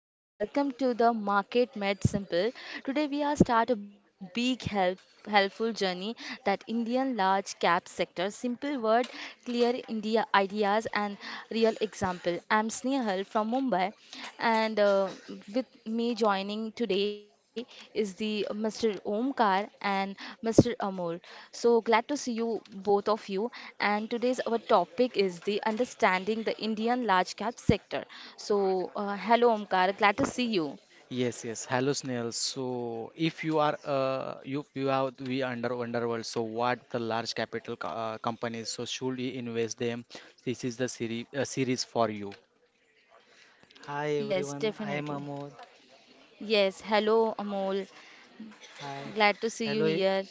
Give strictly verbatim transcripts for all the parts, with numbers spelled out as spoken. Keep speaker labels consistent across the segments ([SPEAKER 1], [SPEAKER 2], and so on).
[SPEAKER 1] everyone, welcome to the Market Made Simple. Today we are start a big help helpful journey that Indian large cap sector. Simple word, clear India ideas and real example. I'm Snehal from Mumbai, and uh, uh, with me joining today is the mister Omkar and mister Amol. So glad to see you both of you. And today's our topic is the understanding the Indian large cap sector. So uh, hello Omkar, glad to see you.
[SPEAKER 2] Yes, yes. Hello, Snail. So, if you are, uh, you you have we under Wonderworld. So, what the large capital co- uh, companies? So, should we invest them? This is the series uh, series for you.
[SPEAKER 3] hi
[SPEAKER 1] Yes,
[SPEAKER 3] everyone, I am
[SPEAKER 1] definitely.
[SPEAKER 3] Amod.
[SPEAKER 1] Yes, hello Amol,
[SPEAKER 3] Hi,
[SPEAKER 1] glad to see you
[SPEAKER 3] hello,
[SPEAKER 1] here.
[SPEAKER 3] e-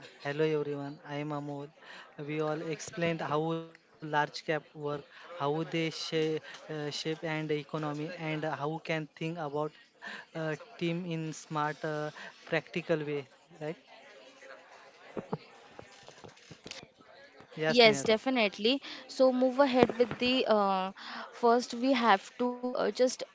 [SPEAKER 3] uh, hello everyone. I am Amod. We all explained how large cap work, how they shape, uh, shape and economy, and how can think about uh, team in smart, uh, practical way. Right? Yes,
[SPEAKER 1] Yes,
[SPEAKER 3] Neil.
[SPEAKER 1] definitely. So move ahead with the uh, first we have to uh, just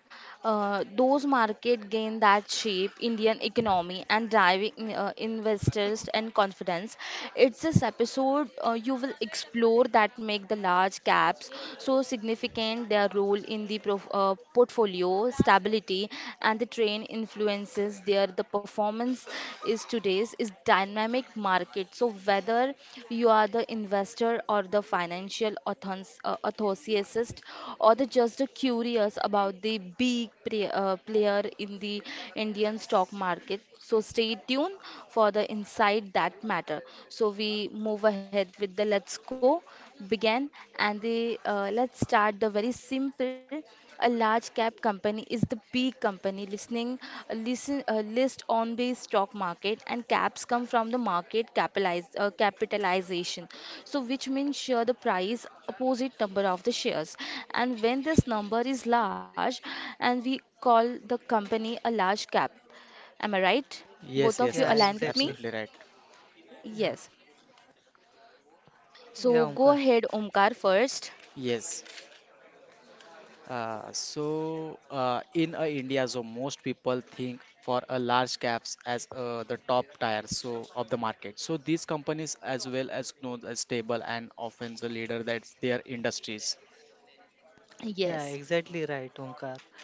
[SPEAKER 1] uh, those market gain that shape Indian economy and driving uh, investors and confidence. It's this episode uh, you will explore that make the large caps so significant their role in the prof uh, portfolio stability and the train influences there the performance is today's is dynamic market so whether you are the investor or the financial authors, uh, enthusiast or the just curious about the big pre- uh, player in the indian stock market so stay tuned for the insight that matter so we move ahead with the let's go begin and the uh, let's start the very simple a large cap company is the big company listening listen uh, list on the stock market and caps come from the market capitalize, uh, capitalization so which means share the price opposite number of the shares and when this number is large and we call the company a large cap. Am I right?
[SPEAKER 2] Yes,
[SPEAKER 1] Both
[SPEAKER 2] yes.
[SPEAKER 1] of you
[SPEAKER 2] Abs
[SPEAKER 3] Yeah,
[SPEAKER 1] align with me?
[SPEAKER 2] absolutely
[SPEAKER 3] exactly.
[SPEAKER 2] right.
[SPEAKER 3] Yeah,
[SPEAKER 1] Yes. So
[SPEAKER 3] yeah,
[SPEAKER 1] go
[SPEAKER 3] Omkar.
[SPEAKER 1] ahead, Omkar, first.
[SPEAKER 2] Yes. Uh, so, uh, in uh, India, so most people think for a large caps as uh, the top tier so of the market. So, these companies as well as known as stable and often the leader that's their industries.
[SPEAKER 1] Yes.
[SPEAKER 3] Yeah, exactly right, Omkar.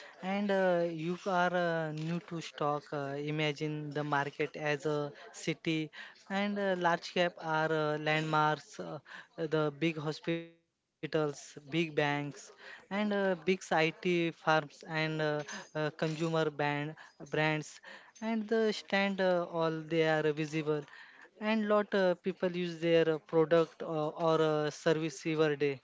[SPEAKER 3] And uh, you are uh, new to stock. Uh, imagine the market as a city, and uh, large cap are uh, landmarks, uh, the big hospitals, big banks, and uh, big I T firms and uh, uh, consumer brand brands, and the stand uh, all they are visible, and lot uh, people use their uh, product or, or uh, service every day.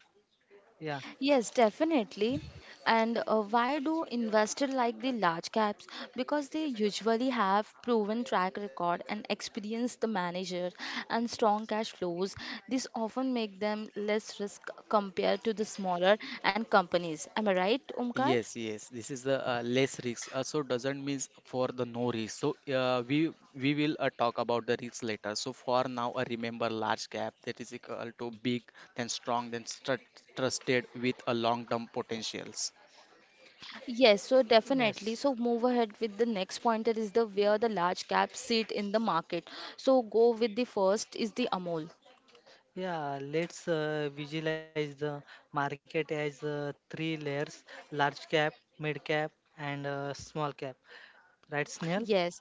[SPEAKER 3] Yeah.
[SPEAKER 1] Yes, definitely. And uh, why do investors like the large caps? Because they usually have proven track record and experienced the manager and strong cash flows. This often make them less risk compared to the smaller and companies. Am I right, Omkar?
[SPEAKER 2] Yes, yes. This is the uh, less risk. Uh, so doesn't means for the no risk. So uh, we we will uh, talk about the risk later. So for now, uh, remember large cap that is equal to big, then strong, then stru- trusted with a long-term potentials.
[SPEAKER 1] Yes, so definitely.
[SPEAKER 3] Yes.
[SPEAKER 1] So move ahead with the next pointer is the where the large caps sit in the market. So go with the first is the Amol.
[SPEAKER 3] Yeah, let's uh, visualize the market as uh, three layers, large cap, mid cap, and uh, small cap. Right, Snell?
[SPEAKER 1] Yes,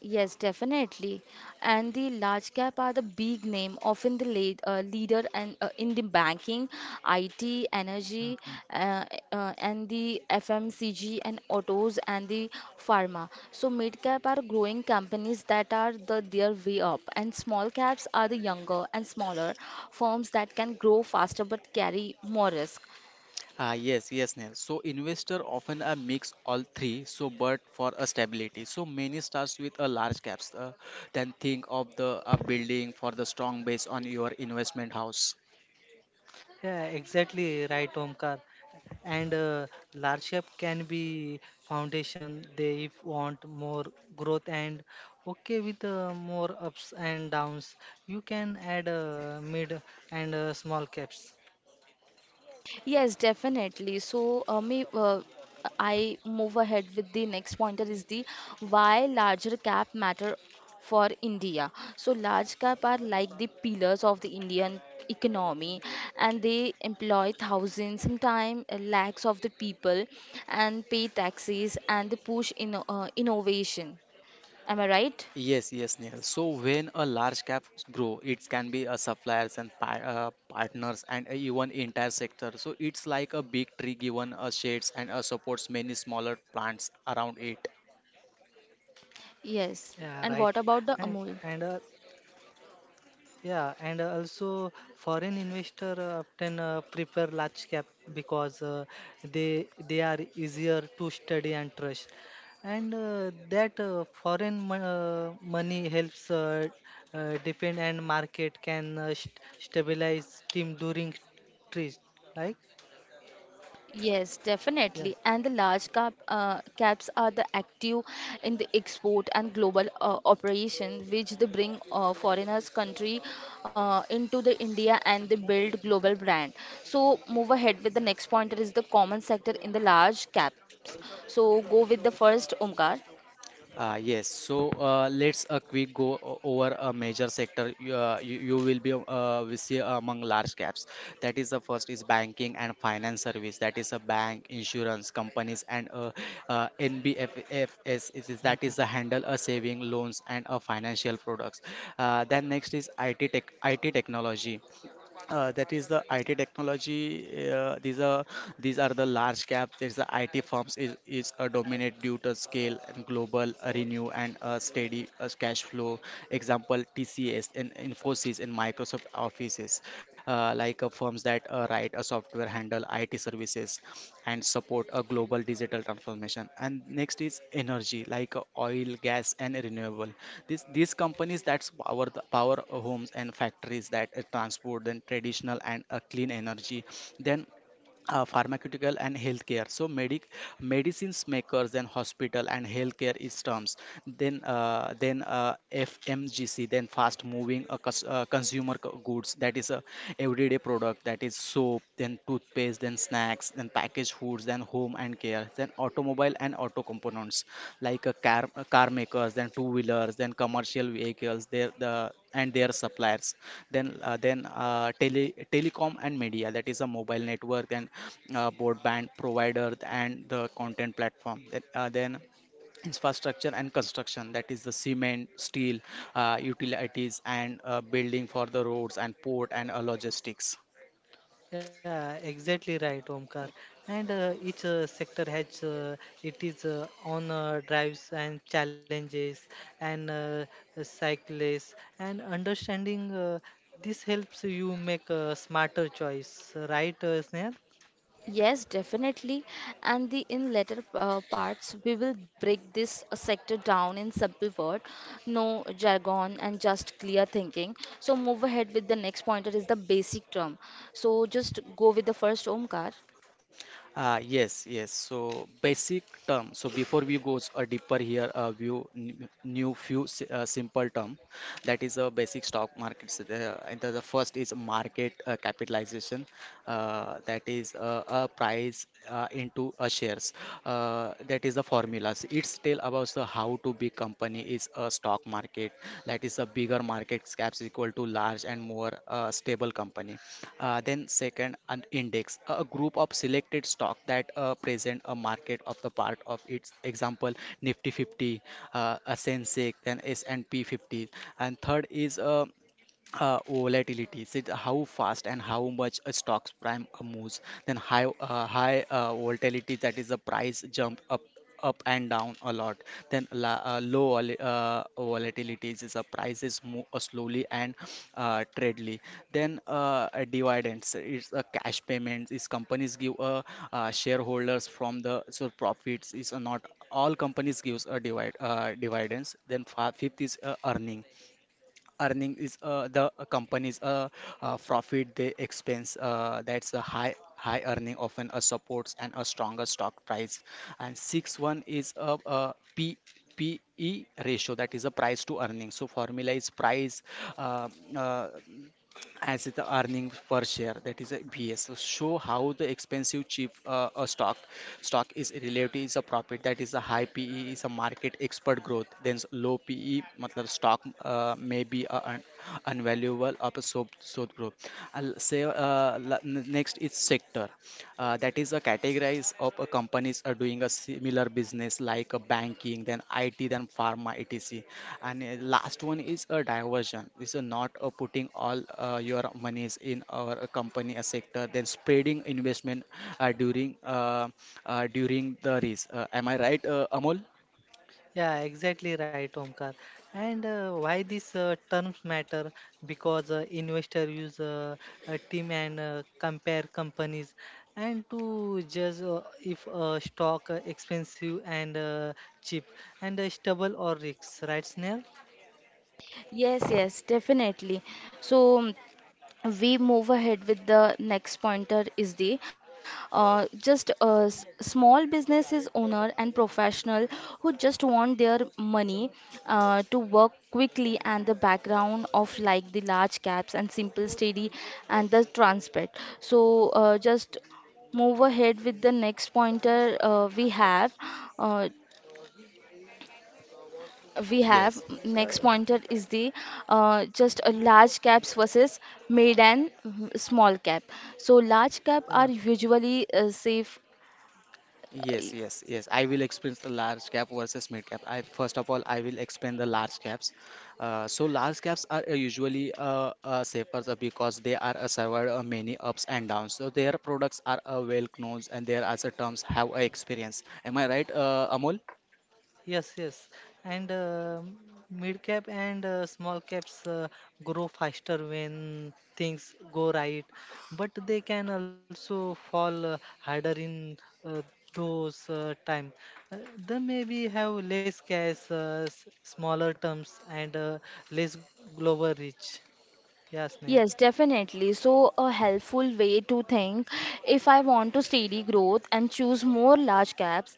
[SPEAKER 1] yes, definitely. And the large cap are the big name, often the lead, uh, leader and uh, in the banking, I T, energy,
[SPEAKER 3] Mhm.
[SPEAKER 1] uh, uh, and the F M C G and autos and the pharma. So mid cap are growing companies that are the their way up, and small caps are the younger and smaller firms that can grow faster but carry more risk.
[SPEAKER 2] Ah yes, yes, Neil. So investor often uh, mix all three. So but for a stability. So many starts with a large caps. Uh, then think of the uh, building for the strong base on your investment house.
[SPEAKER 3] Yeah, exactly right, Omkar. And uh, large cap can be foundation. They if want more growth and okay with uh, more ups and downs, you can add uh, mid and uh, small caps.
[SPEAKER 1] Yes, definitely. So, uh, me, uh, I move ahead with the next pointer is the why larger cap matter for India. So, large cap are like the pillars of the Indian economy, and they employ thousands, sometimes lakhs of the people, and pay taxes and they push in uh, innovation. Am I right?
[SPEAKER 2] Yes, yes, Nihal. So when a large cap grow, it can be a suppliers and pa uh, partners and even entire sector. So it's like a big tree given a shades and uh, supports many smaller plants around it.
[SPEAKER 3] Yeah, right.
[SPEAKER 1] Yes. And
[SPEAKER 3] And
[SPEAKER 1] what about
[SPEAKER 3] and
[SPEAKER 1] the
[SPEAKER 3] uh,
[SPEAKER 1] Amul?
[SPEAKER 3] yeah, and uh, also foreign investor uh, often uh, prefer large cap because uh, they they are easier to study and trust, and uh, that uh, foreign mon- uh, money helps uh, uh, depend and market can uh, st- stabilize team during trades. Like
[SPEAKER 1] Yes, definitely.
[SPEAKER 3] yeah.
[SPEAKER 1] And the large cap uh, caps are the active in the export and global uh, operation, which they bring uh, foreigners country uh, into the India and they build global brand. So move ahead with the next pointer is the common sector in the large caps. So go with the first Omkar.
[SPEAKER 2] Uh, yes, so uh, let's a quick go o- over a major sector you, uh, you, you will be uh, we see among large caps. That is the first is banking and finance service. That is a bank, insurance companies and uh, uh, N B F F S. It is, that
[SPEAKER 3] Mm-hmm.
[SPEAKER 2] is the handle a saving loans and a financial products. Uh, then next is I T tech, I T technology. Uh, that is the I T technology. Uh, these are these are the large cap. There's the I T firms is is a dominate due to scale and global uh, renew and uh, steady uh, cash flow. Example T C S and Infosys and Microsoft offices, uh, like uh, firms that that uh, write a software, handle I T services, and support a global digital transformation. And next is energy, like uh, oil, gas, and renewable. These these companies that's power the power homes and factories that uh, transport then traditional and uh, clean energy. Then uh, Pharmaceutical and healthcare so medic medicines makers then hospital and healthcare is terms then uh, then uh, fmgc then fast moving uh, cus- uh, consumer co- goods that is a everyday product that is soap then toothpaste then snacks then packaged foods then home and care, then automobile and auto components like a car, uh, car makers, then two wheelers, then commercial vehicles, their the and their suppliers. Then uh, then uh, tele, telecom and media that is a mobile network, then uh, broadband provider and the content platform. Then, uh, then infrastructure and construction that is the cement steel uh, utilities and uh, building for the roads and port and uh, logistics.
[SPEAKER 3] Yeah, exactly right, Omkar. And uh, each uh, sector has uh, it is uh, own uh, drives and challenges and uh, uh, cyclists and understanding uh, this helps you make a smarter choice, right, uh, Sneha?
[SPEAKER 1] Yes, definitely. And the in later uh, parts, we will break this uh, sector down in simple word, no jargon and just clear thinking. So move ahead with the next pointer is the basic term. So just go with the first Omkar.
[SPEAKER 2] Uh, yes, yes. So basic term. So before we goes uh, deeper here, uh, view n- new few s- uh, simple term. That is a basic stock market. So the, uh, and the, the first is market uh, capitalization uh, that is uh, a price uh, into a shares uh, that is the formulas it's tell about the how to big company is a stock market that is a bigger market caps equal to large and more uh, stable company. Uh, then second an index a group of selected stock that uh, present a market of the part of its example nifty fifty, uh, a sensex then S and P fifty. And third is uh, uh, volatility so it- how fast and how much a stock's prime uh, moves. Then high uh, high uh, volatility that is the price jump up up and down a lot. Then la, uh, low vol- uh, volatilities is a prices move uh, slowly and uh, treadly. Then uh, uh, Dividends it's a cash payments is companies give uh, uh, shareholders from the so profits is uh, not all companies gives a divide uh, dividends. Then fi- fifth is uh, earning earning is uh, the uh, company's uh, uh, profit they expense uh, that's the high high earning often uh, supports and a stronger stock price. And six one is a, a p P E ratio that is a price to earning so formula is price uh, uh, as the earning per share that is a B S. So show how the expensive cheap uh, a stock stock is relative is a profit that is a high pe is a market expert growth. Then s- low pe मतलब stock uh, may be a un- unvaluable of a so so growth. I'll say uh, la- n- Next is sector. Uh, that is a categorize of a companies are doing a similar business like a banking then I T then pharma etc. And uh, last one is a diversion this is not uh, putting all uh, your monies in our uh, company a sector then spreading investment uh, during uh, uh, during the risk. Uh, am I right, uh, Amol?
[SPEAKER 3] Yeah, exactly right, Omkar. And uh, why these uh, terms matter? Because uh, investor use uh, a team and uh, compare companies, and to judge uh, if a stock uh, expensive and uh, cheap, and uh, stable or risks, right, Snell?
[SPEAKER 1] Yes, yes, definitely. So we move ahead with the next pointer is the uh, just a s- small businesses owner and professional who just want their money uh, to work quickly and the background of like the large caps and simple steady and the transparent so uh, just move ahead with the next pointer uh, we have uh, we have
[SPEAKER 2] Yes,
[SPEAKER 3] Uh,
[SPEAKER 1] next pointer is the uh, just a large caps versus mid and mm, small cap so large cap
[SPEAKER 3] Yeah.
[SPEAKER 1] are usually uh, safe.
[SPEAKER 2] yes,
[SPEAKER 1] uh,
[SPEAKER 2] yes, yes. I will explain the large cap versus mid cap. I first of all I will explain the large caps. Uh, so large caps are uh, usually uh, uh, safer uh, because they are uh, survived uh, many ups and downs. So their products are uh, well known and their other terms have uh, experience. Am I right, uh, Amol?
[SPEAKER 3] Yes, yes. And uh, mid cap and uh, small caps uh, grow faster when things go right, but they can also fall uh, harder in uh, those uh, time. Uh, they maybe have less cash, uh, s- smaller terms, and uh, less global reach. Yes, Sneha.
[SPEAKER 1] Yes, definitely. So, a helpful way to think if I want to steady growth and choose more large caps,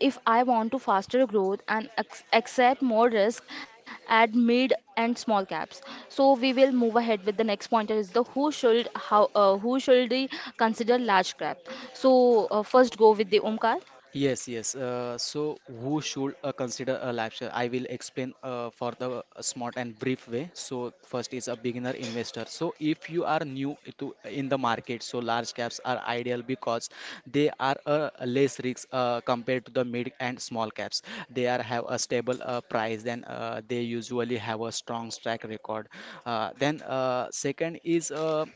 [SPEAKER 1] if I want to faster growth and ac- accept more risk at mid and small caps. So, we will move ahead with the next pointer is the who should how uh, who should we consider large cap. So, uh, first go with the Omkar.
[SPEAKER 2] Yes, yes. Uh, so, who should uh, consider a life share? I will explain uh, for the uh, smart and brief way. So, first is a beginner investor. So, if you are new to in the market, so large caps are ideal because they are uh, less risk uh, compared to the mid and small caps. They are have a stable uh, price, then uh, they usually have a strong track record. Uh, then, uh, second is uh,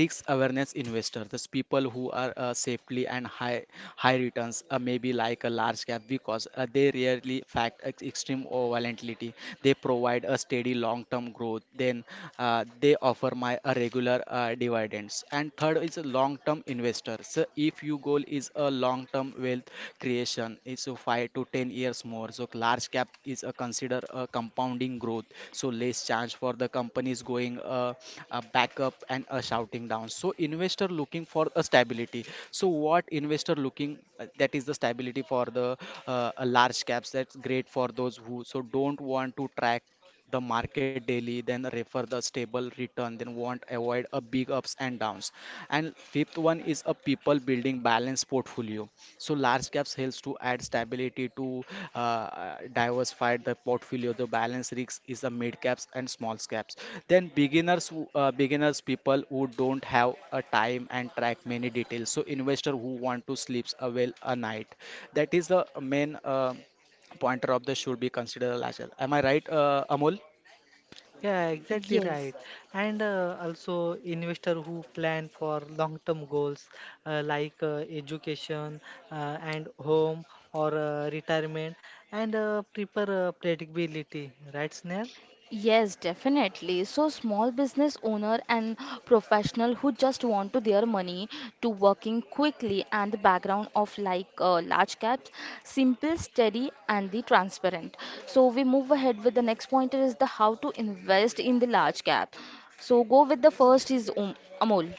[SPEAKER 2] risk awareness investor those people who are uh, safely and high high returns uh, maybe like a large cap because uh, they rarely fact ex- extreme or volatility. They provide a steady long term growth then uh, they offer my uh, regular uh, dividends. And third is a long term investor, so if your goal is a long term wealth creation is so five to ten years more, so large cap is a consider a compounding growth, so less chance for the companies going uh, uh, back up and a shouting down. So investor looking for a stability, so what investor looking uh, that is the stability for the uh, uh, large caps that's great for those who so don't want to track the market daily then refer the stable return then want avoid a big ups and downs. And fifth one is a people building balanced portfolio, so large caps helps to add stability to uh, uh, diversify the portfolio. The balance risk is the mid caps and small caps. Then beginners, who- uh, beginners people who don't have a time and track many details. So investor who want to sleeps a well a night. That is the main uh, pointer of the should be considered a large cap. Am I right, uh, Amol?
[SPEAKER 3] Yeah, exactly
[SPEAKER 1] Yes.
[SPEAKER 3] right. And uh, also investor who plan for long-term goals uh, like uh, education uh, and home or uh, retirement and uh, prepare uh, predictability, right, Snell?
[SPEAKER 1] Yes, definitely. So small business owner and professional who just want to their money to working quickly and the background of like uh, large caps, simple, steady and the transparent. So we move ahead with the next pointer is the how to invest in the large cap. So go with the first is um, Amol.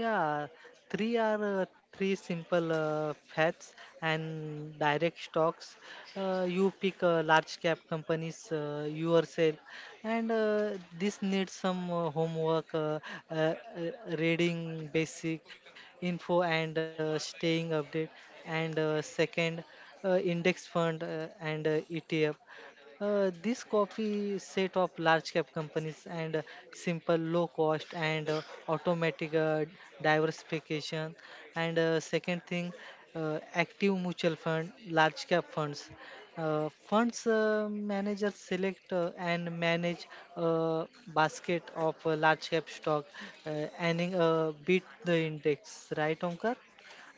[SPEAKER 3] Yeah, three are uh, three simple uh, facts and direct stocks. Uh, you pick uh, large cap companies uh, yourself and uh, this needs some uh, homework uh, uh, uh, reading basic info and uh, staying update and uh, second uh, index fund uh, and uh, etf uh, this copy set of large cap companies and uh, simple low cost and uh, automatic uh, diversification and uh, second thing uh, active mutual fund large cap funds uh, funds uh, managers select uh, and manage a basket of uh, large cap stock uh, and uh, beat the index, right, Omkar?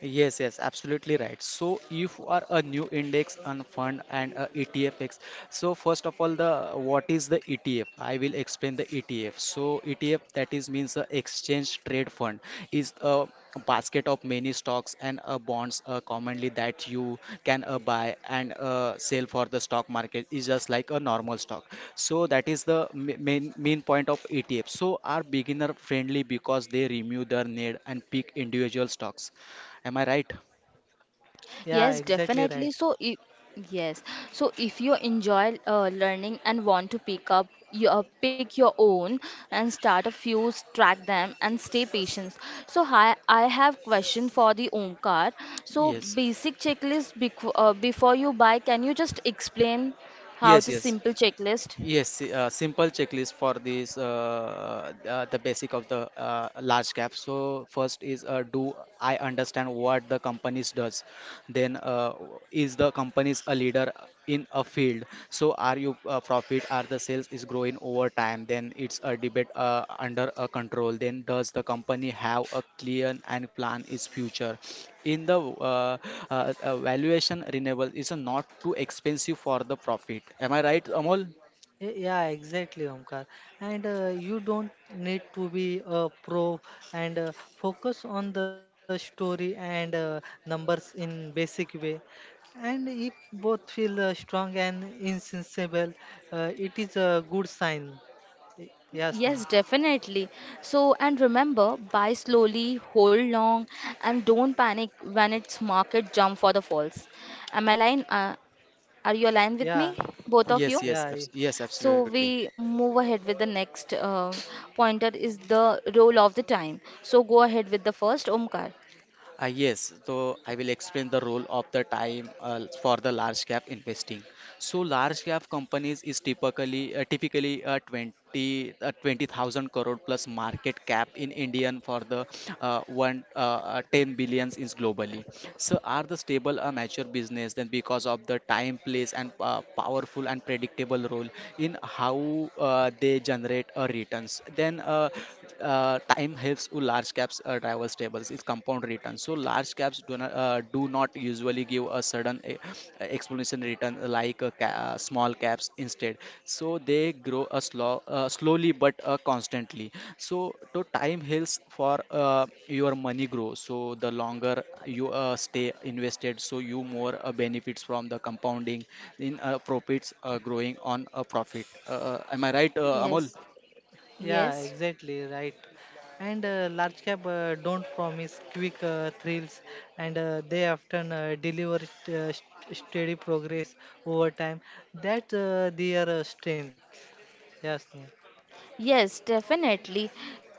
[SPEAKER 2] Yes, yes, absolutely right. So if you are a new index and fund and a E T F, so first of all, the what is the E T F? I will explain the E T F. So E T F that is means a exchange trade fund is a basket of many stocks and uh, bonds uh, commonly that you can uh, buy and uh, sell for the stock market is just like a normal stock. So that is the ma- main main point of E T F. So are beginner friendly because they remove their need and pick individual stocks. Am I right?
[SPEAKER 3] Yeah,
[SPEAKER 1] Yes,
[SPEAKER 3] exactly
[SPEAKER 1] definitely.
[SPEAKER 3] right.
[SPEAKER 1] So, if, yes. So, if you enjoy uh, learning and want to pick up, you uh, pick your own and start a few, s- track them, and stay patient. So, hi, I have question for the Omkar. So,
[SPEAKER 2] Yes,
[SPEAKER 1] basic checklist bec- uh, before you buy. Can you just explain how
[SPEAKER 2] yes,
[SPEAKER 1] just
[SPEAKER 2] yes.
[SPEAKER 1] simple checklist?
[SPEAKER 2] Yes, si- uh, simple checklist for this uh, uh, the basic of the uh, large cap. So first is uh, do I understand what the companies does? Then uh, Is the companies a leader in a field? So are you uh, profit? Are the sales is growing over time? Then it's a debate uh, under a control. Then does the company have a clear and plan its future? In the uh, uh, uh, Valuation renewable is not too expensive for the profit. Am I right, Amol?
[SPEAKER 3] Y- Yeah, exactly, Omkar. And uh, you don't need to be a pro and uh, focus on the story and uh, numbers in basic way. And if both feel uh, strong and insensible, uh, it is a good sign. Y- Yes, Neil.
[SPEAKER 1] Yes, definitely. So, and remember, buy slowly, hold long, and don't panic when it's market jump for the falls. Am I lying? Uh, Are you aligned with
[SPEAKER 3] yeah
[SPEAKER 1] me, both of
[SPEAKER 2] Yes,
[SPEAKER 1] you?
[SPEAKER 2] yes,
[SPEAKER 3] yeah
[SPEAKER 2] abs
[SPEAKER 3] e-
[SPEAKER 2] yes,
[SPEAKER 1] So
[SPEAKER 2] absolutely.
[SPEAKER 1] we move ahead with the next uh, pointer is the role of the time. So go ahead with the first, Omkar.
[SPEAKER 2] Uh, yes, so I will explain the role of the time uh, for the large cap investing. So large cap companies is typically uh, typically uh, 20 uh, twenty thousand crore plus market cap in Indian for the uh, one uh, uh, ten billions is globally. So are the stable a mature business then because of the time place and uh, powerful and predictable role in how uh, they generate uh, returns. Then uh, uh, Time helps to large caps uh, driver stables is compound return, so large caps do not, uh, do not usually give a sudden e- explanation return like a ca- uh, small caps. Instead so they grow a slow uh, slowly but uh, constantly. So to time heals for uh, your money grow, so the longer you uh, stay invested, so you more uh, benefits from the compounding in uh, profits uh, growing on a profit, uh, uh, am I right, uh, Amol?
[SPEAKER 1] Yes,
[SPEAKER 3] yeah
[SPEAKER 1] yes,
[SPEAKER 3] exactly right and uh, large cap uh, don't promise quick uh, thrills and uh, they often uh, deliver st- uh, st- steady progress over time. That's uh, their uh, strength. Yes, Neil.
[SPEAKER 1] yes, definitely.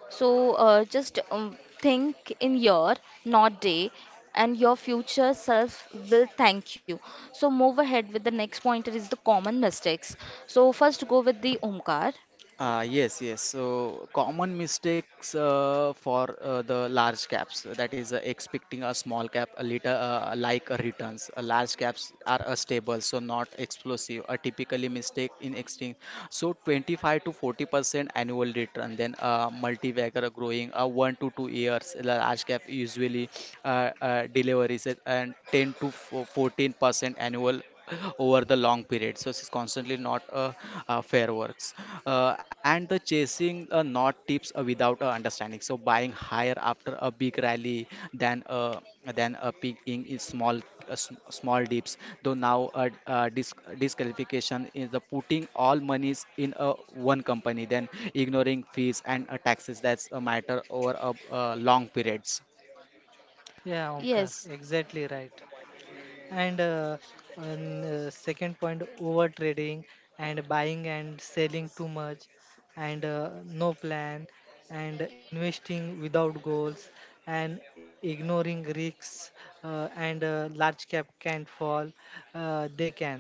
[SPEAKER 1] So uh, just um, think in year, not day, and your future self will thank you. So move ahead with the next pointer is the common mistakes. So first go with the Omkar.
[SPEAKER 2] Uh, yes, yes. So common mistakes uh, for uh, the large caps, uh, that is uh, expecting a small cap a little uh, like a returns. Uh, large caps are uh, stable, so not explosive. A typically mistake in exchange, so twenty-five to forty percent annual return. Then uh, multi-bagger growing uh, one to two years, the large cap usually uh, uh, delivers it, and ten to fourteen percent annual over the long period. So it's constantly not a, uh, fair works. Uh, and the chasing uh, not tips uh, without uh, understanding. So buying higher after a big rally, than a than a peak in, in small uh, s- small dips. Though now uh, uh, dis- disqualification is the putting all monies in a one company, then ignoring fees and uh, taxes. That's a matter over a, uh, long periods.
[SPEAKER 3] Yeah, Omkar,
[SPEAKER 1] Yes,
[SPEAKER 3] exactly right. And uh, and uh, second point over trading and buying and selling too much and uh, no plan and investing without goals and ignoring risks uh, and uh, large cap can't fall uh, they can.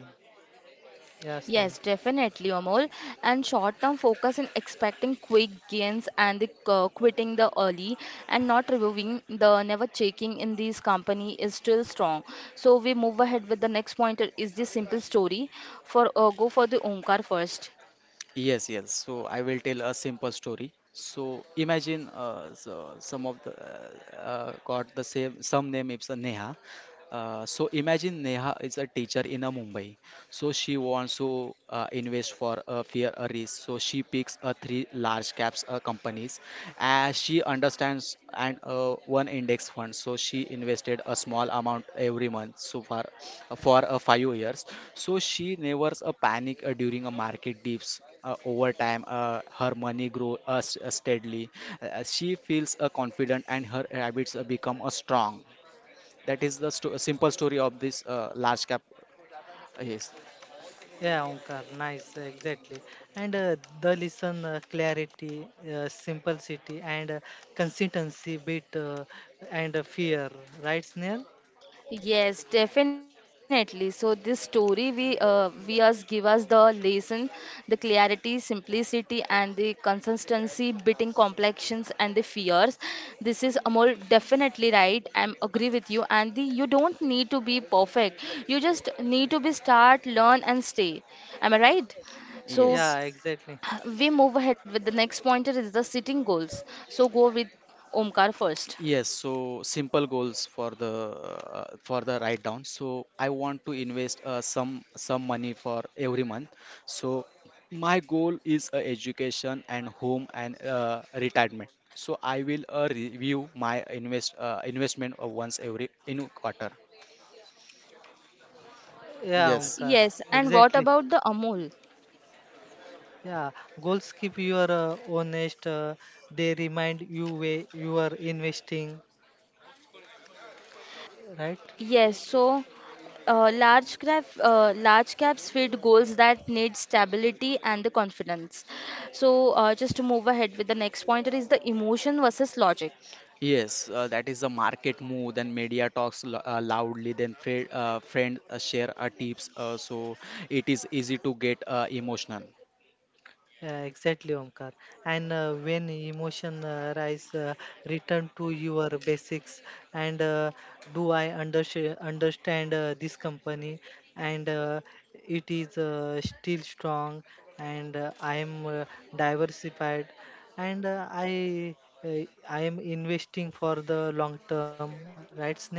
[SPEAKER 3] Yes, Neha.
[SPEAKER 1] yes, definitely, Amol. And short-term focus in expecting quick gains and the, uh, quitting the early and not reviewing the never checking in these company is still strong. So we move ahead with the next point uh, is the simple story. For uh, Go for the Omkar first.
[SPEAKER 2] Yes, yes. So I will tell a simple story. So imagine uh, so some of the uh, uh, got the same some name, it's a Neha. Uh, so imagine Neha is a teacher in a Mumbai. So she wants to uh, invest for a fear a risk. So she picks a three large caps uh, companies as she understands, and uh, one index fund. So she invested a small amount every month, so far uh, for uh, five years. So she never uh, panic uh, during a market dips. Uh, over time, uh, her money grows uh, s- uh, steadily. Uh, she feels uh, confident, and her habits uh, become uh, strong. That is the sto- simple story of this uh, large cap. uh, Yes,
[SPEAKER 3] Yeah, Omkar, nice, exactly. And uh, the listen uh, clarity uh, simplicity and uh, consistency bit uh, and uh, fear, right, Snehal?
[SPEAKER 1] Yes, definitely. So this story we uh, we us give us the lesson, the clarity, simplicity, and the consistency, beating complexions and the fears. This is Amol definitely right. I'm agree with you. And the, you don't need to be perfect. You just need to be start, learn, and stay. Am I right? So
[SPEAKER 2] yes.
[SPEAKER 3] Yeah, exactly.
[SPEAKER 1] we move ahead with the next pointer is the sitting goals. So go with Omkar first.
[SPEAKER 2] Yes, so simple goals for the uh, for the write down. So I want to invest uh, some some money for every month. So my goal is uh, education and home and uh, retirement. So I will uh, review my invest uh, investment uh, once every in quarter.
[SPEAKER 3] Yeah,
[SPEAKER 2] Yes,
[SPEAKER 3] Omkar,
[SPEAKER 1] Yes, and what
[SPEAKER 3] exactly.
[SPEAKER 1] about the Amol?
[SPEAKER 3] Yeah, goals keep your uh, honest. Uh, they remind you where you are investing, right?
[SPEAKER 1] Yes, so uh, large cap, uh, large caps fit goals that need stability and the confidence. So uh, just to move ahead with the next pointer is the emotion versus logic.
[SPEAKER 2] yes, uh, that is the market move. Then media talks lo- uh, loudly. Then friend uh, friend uh, share uh, tips. Uh, so it is easy to get uh, emotional.
[SPEAKER 3] Yeah, exactly, Omkar. And uh, when emotion uh, rise, uh, return to your basics. And uh, do I unders- understand uh, this company? And uh, it is uh, still strong. And uh, I am uh, diversified. And uh, I uh, I am investing for the long term, right, Snell?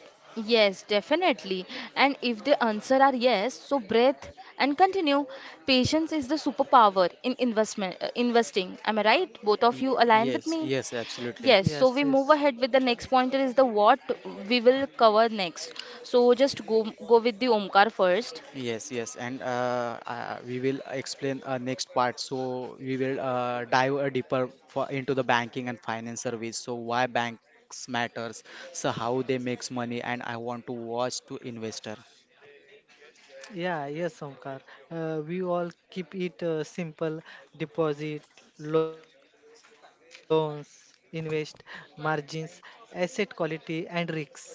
[SPEAKER 1] Yes, definitely. And if the answer are yes, so breath and continue. Patience is the superpower in investment uh, investing. Am I right? Both of
[SPEAKER 2] Y-
[SPEAKER 1] you align with
[SPEAKER 2] Yes,
[SPEAKER 1] me?
[SPEAKER 2] yes, absolutely.
[SPEAKER 1] Yes, so
[SPEAKER 3] Yes,
[SPEAKER 1] we move
[SPEAKER 3] yes.
[SPEAKER 1] ahead with the next pointer is the what we will cover next. So just go go with the Omkar first.
[SPEAKER 2] Yes, yes, and uh, uh, we will explain uh, next part. So we will uh, dive uh, deeper for, into the banking and finance service. So why banks matters, so how they makes money, and I want to watch to investor.
[SPEAKER 3] Yeah, yes, Omkar. Uh, we all keep it uh, simple: deposit, loans, invest, margins, asset quality, and risks, right?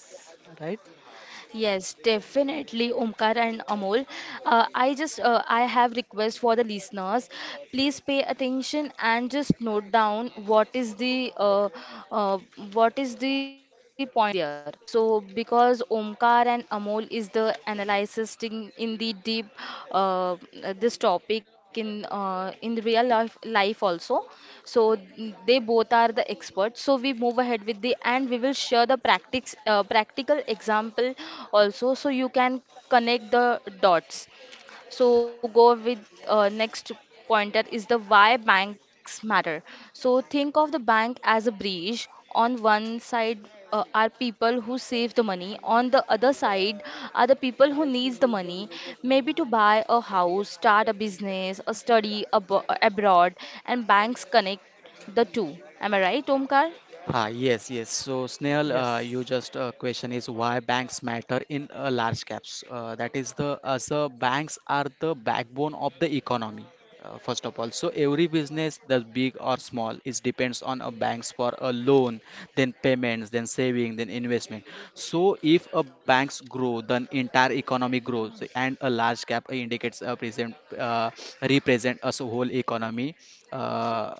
[SPEAKER 1] Yes, definitely, Omkar and Amol. Uh, I just uh, I have request for the listeners. Please pay attention and just note down what is the uh, uh, what is the pointers there. So because Omkar and Amol is the analyzes in, in the deep uh, this topic in uh, in the real life life also. So they both are the experts. So we move ahead with the and we will share the practice uh, practical example also. So you can connect the dots. So go with uh, next pointer is the why banks matter. So think of the bank as a bridge. On one side uh, are people who save the money. On the other side are the people who needs the money, maybe to buy a house, start a business, a study abo abroad, and banks connect the two. Am I right, Omkar?
[SPEAKER 2] Ah, yes, yes. So,
[SPEAKER 3] Yes.
[SPEAKER 2] Snehal, uh, you just uh, question is why banks matter in uh, large caps. Uh, that is the as uh, banks are the backbone of the economy. Uh, first of all, so every business, the big or small, is depends on a banks for a loan, then payments, then saving, then investment. So if a banks grow, then entire economy grows, and a large cap indicates a present, uh, represent a whole economy. Uh,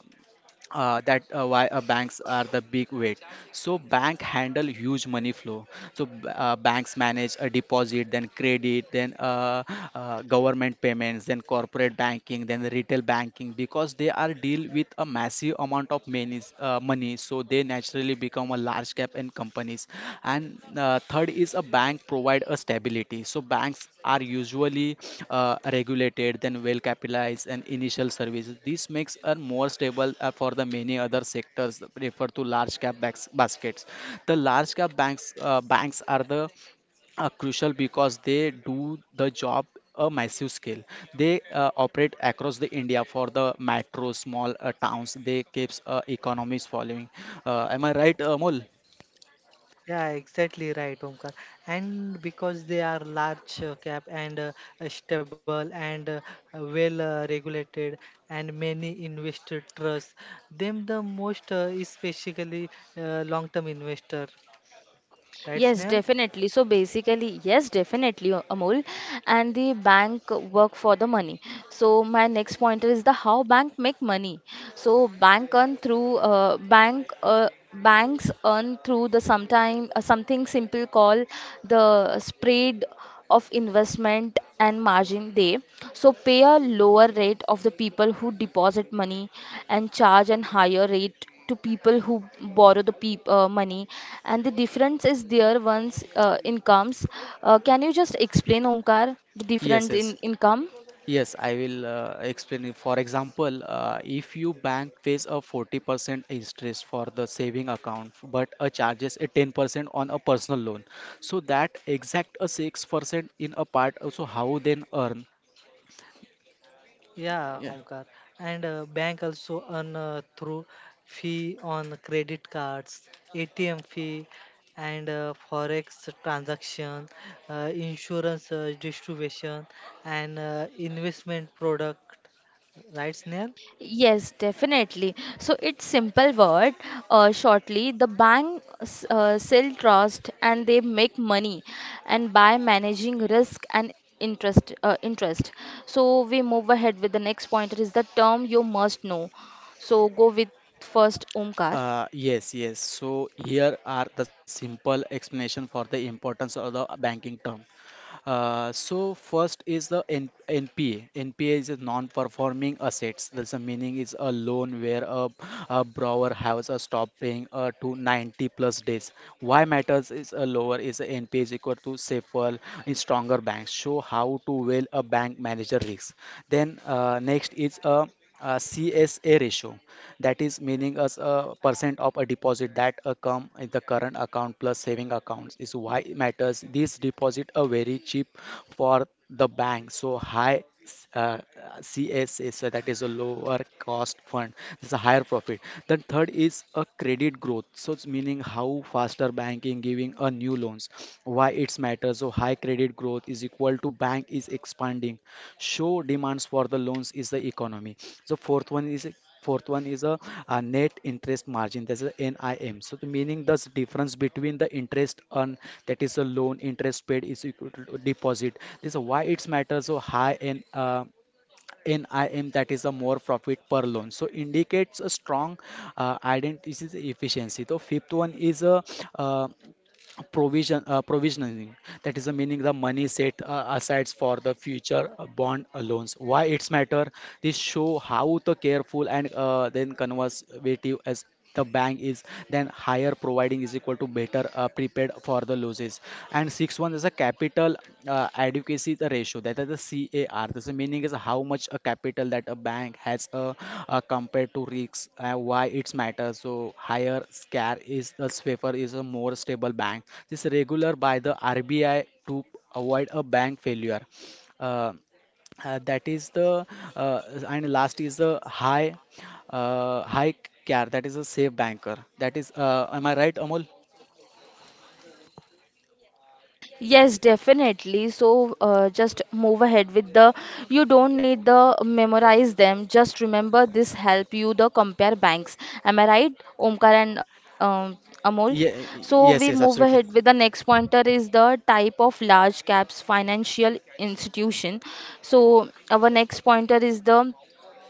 [SPEAKER 2] uh, that uh, why uh, banks are the big weight, so bank handle huge money flow. So b- uh, banks manage a deposit, then credit, then uh, uh, government payments, then corporate banking, then the retail banking. Because they are deal with a massive amount of monies, uh, money, so they naturally become a large cap and companies. And uh, third is a bank provide a stability. So banks are usually uh, regulated, then well capitalized and initial services. This makes a more stable uh, for the many other sectors that refer to large cap backs, baskets. The large cap banks uh, banks are the are crucial because they do the job a massive scale. They uh, operate across the india for the metro small uh, towns. They keeps uh, economies following, uh, am I right, Amol?
[SPEAKER 3] Yeah, exactly right, Omkar. And because they are large uh, cap and uh, uh, stable and uh, uh, well uh, regulated, and many investor trust them the most, uh, especially uh, long-term investor, right,
[SPEAKER 1] Yes,
[SPEAKER 3] Snell?
[SPEAKER 1] definitely. So basically, yes, definitely, uh, Amol. And the bank work for the money. So my next pointer is the how bank make money. So bank earn through uh, bank uh, banks earn through the sometime uh, something simple called the spread of investment and margin day so pay a lower rate of the people who deposit money and charge a higher rate to people who borrow the peop- uh, money, and the difference is their one's uh, incomes. Uh, can you just explain, Omkar, the
[SPEAKER 2] Yes,
[SPEAKER 1] difference
[SPEAKER 2] yes,
[SPEAKER 1] in income?
[SPEAKER 2] yes. I will uh, explain it. For example, uh, if you bank pays a forty percent interest for the saving account, but a charges a ten percent on a personal loan, so that exact a six percent in a part also how then earn.
[SPEAKER 3] Yeah, Omkar. And uh, bank also earn uh, through fee on credit cards, A T M fee, and uh, forex transaction, uh, insurance uh, distribution, and uh, investment product. Right, Snail?
[SPEAKER 1] Yes, definitely. So it's simple word. Uh, shortly, the bank s- uh, sell trust and they make money, and by managing risk and interest, uh, interest. So we move ahead with the next point. It is the term you must know. So go with first Omkar.
[SPEAKER 2] Uh, yes, yes. So here are the simple explanation for the importance of the banking term. Uh, so first is the N NPA. N P A is a non-performing assets. That's the meaning is a loan where a, a borrower has a stop paying uh, to ninety plus days. Why matters is a lower is a N P A is equal to safer in stronger banks. Show how to well a bank manager risk. Then uh, next is a, a C S A ratio, that is meaning as a percent of a deposit that uh, come in the current account plus saving accounts. Is why it matters, these deposit are very cheap for the bank, so high uh, C S S, so that is a lower cost fund, it's a higher profit. Then third is a credit growth, so it's meaning how faster banking giving a new loans. Why it's matters, so high credit growth is equal to bank is expanding, show demands for the loans is the economy. The fourth one is Fourth one is a, a net interest margin, that's a NIM. So the meaning the difference between the interest on, that is a loan interest paid is equal to deposit. This is why it's matters, so high in uh, NIM, that is a more profit per loan. So indicates a strong uh, identity efficiency. So fifth one is a uh, provision uh, provisioning, that is the meaning the money set uh, aside for the future uh, bond uh, loans. Why it's matter, this show how the careful and uh, then conservative as the bank is. Then higher providing is equal to better uh, prepared for the losses. And sixth one is a capital uh, adequacy ratio, that is the CAR. This is meaning is how much a capital that a bank has, uh, uh, compared to risks. Uh, why it's matter, so higher scare is a safer, is a more stable bank. This regular by the R B I to avoid a bank failure. Uh, uh, that is the uh, and last is the high uh, high care, that is a safe banker, that is, uh, am I right, Amol?
[SPEAKER 1] Yes, definitely. So uh, just move ahead with the, you don't need the memorize them. Just remember this help you the compare banks. Am I right, Omkar and um, Amol?
[SPEAKER 2] Ye
[SPEAKER 1] So we move
[SPEAKER 2] yes yes
[SPEAKER 1] ahead with the
[SPEAKER 2] absolutely.
[SPEAKER 1] next pointer is the type of large caps financial institution. So our next pointer is the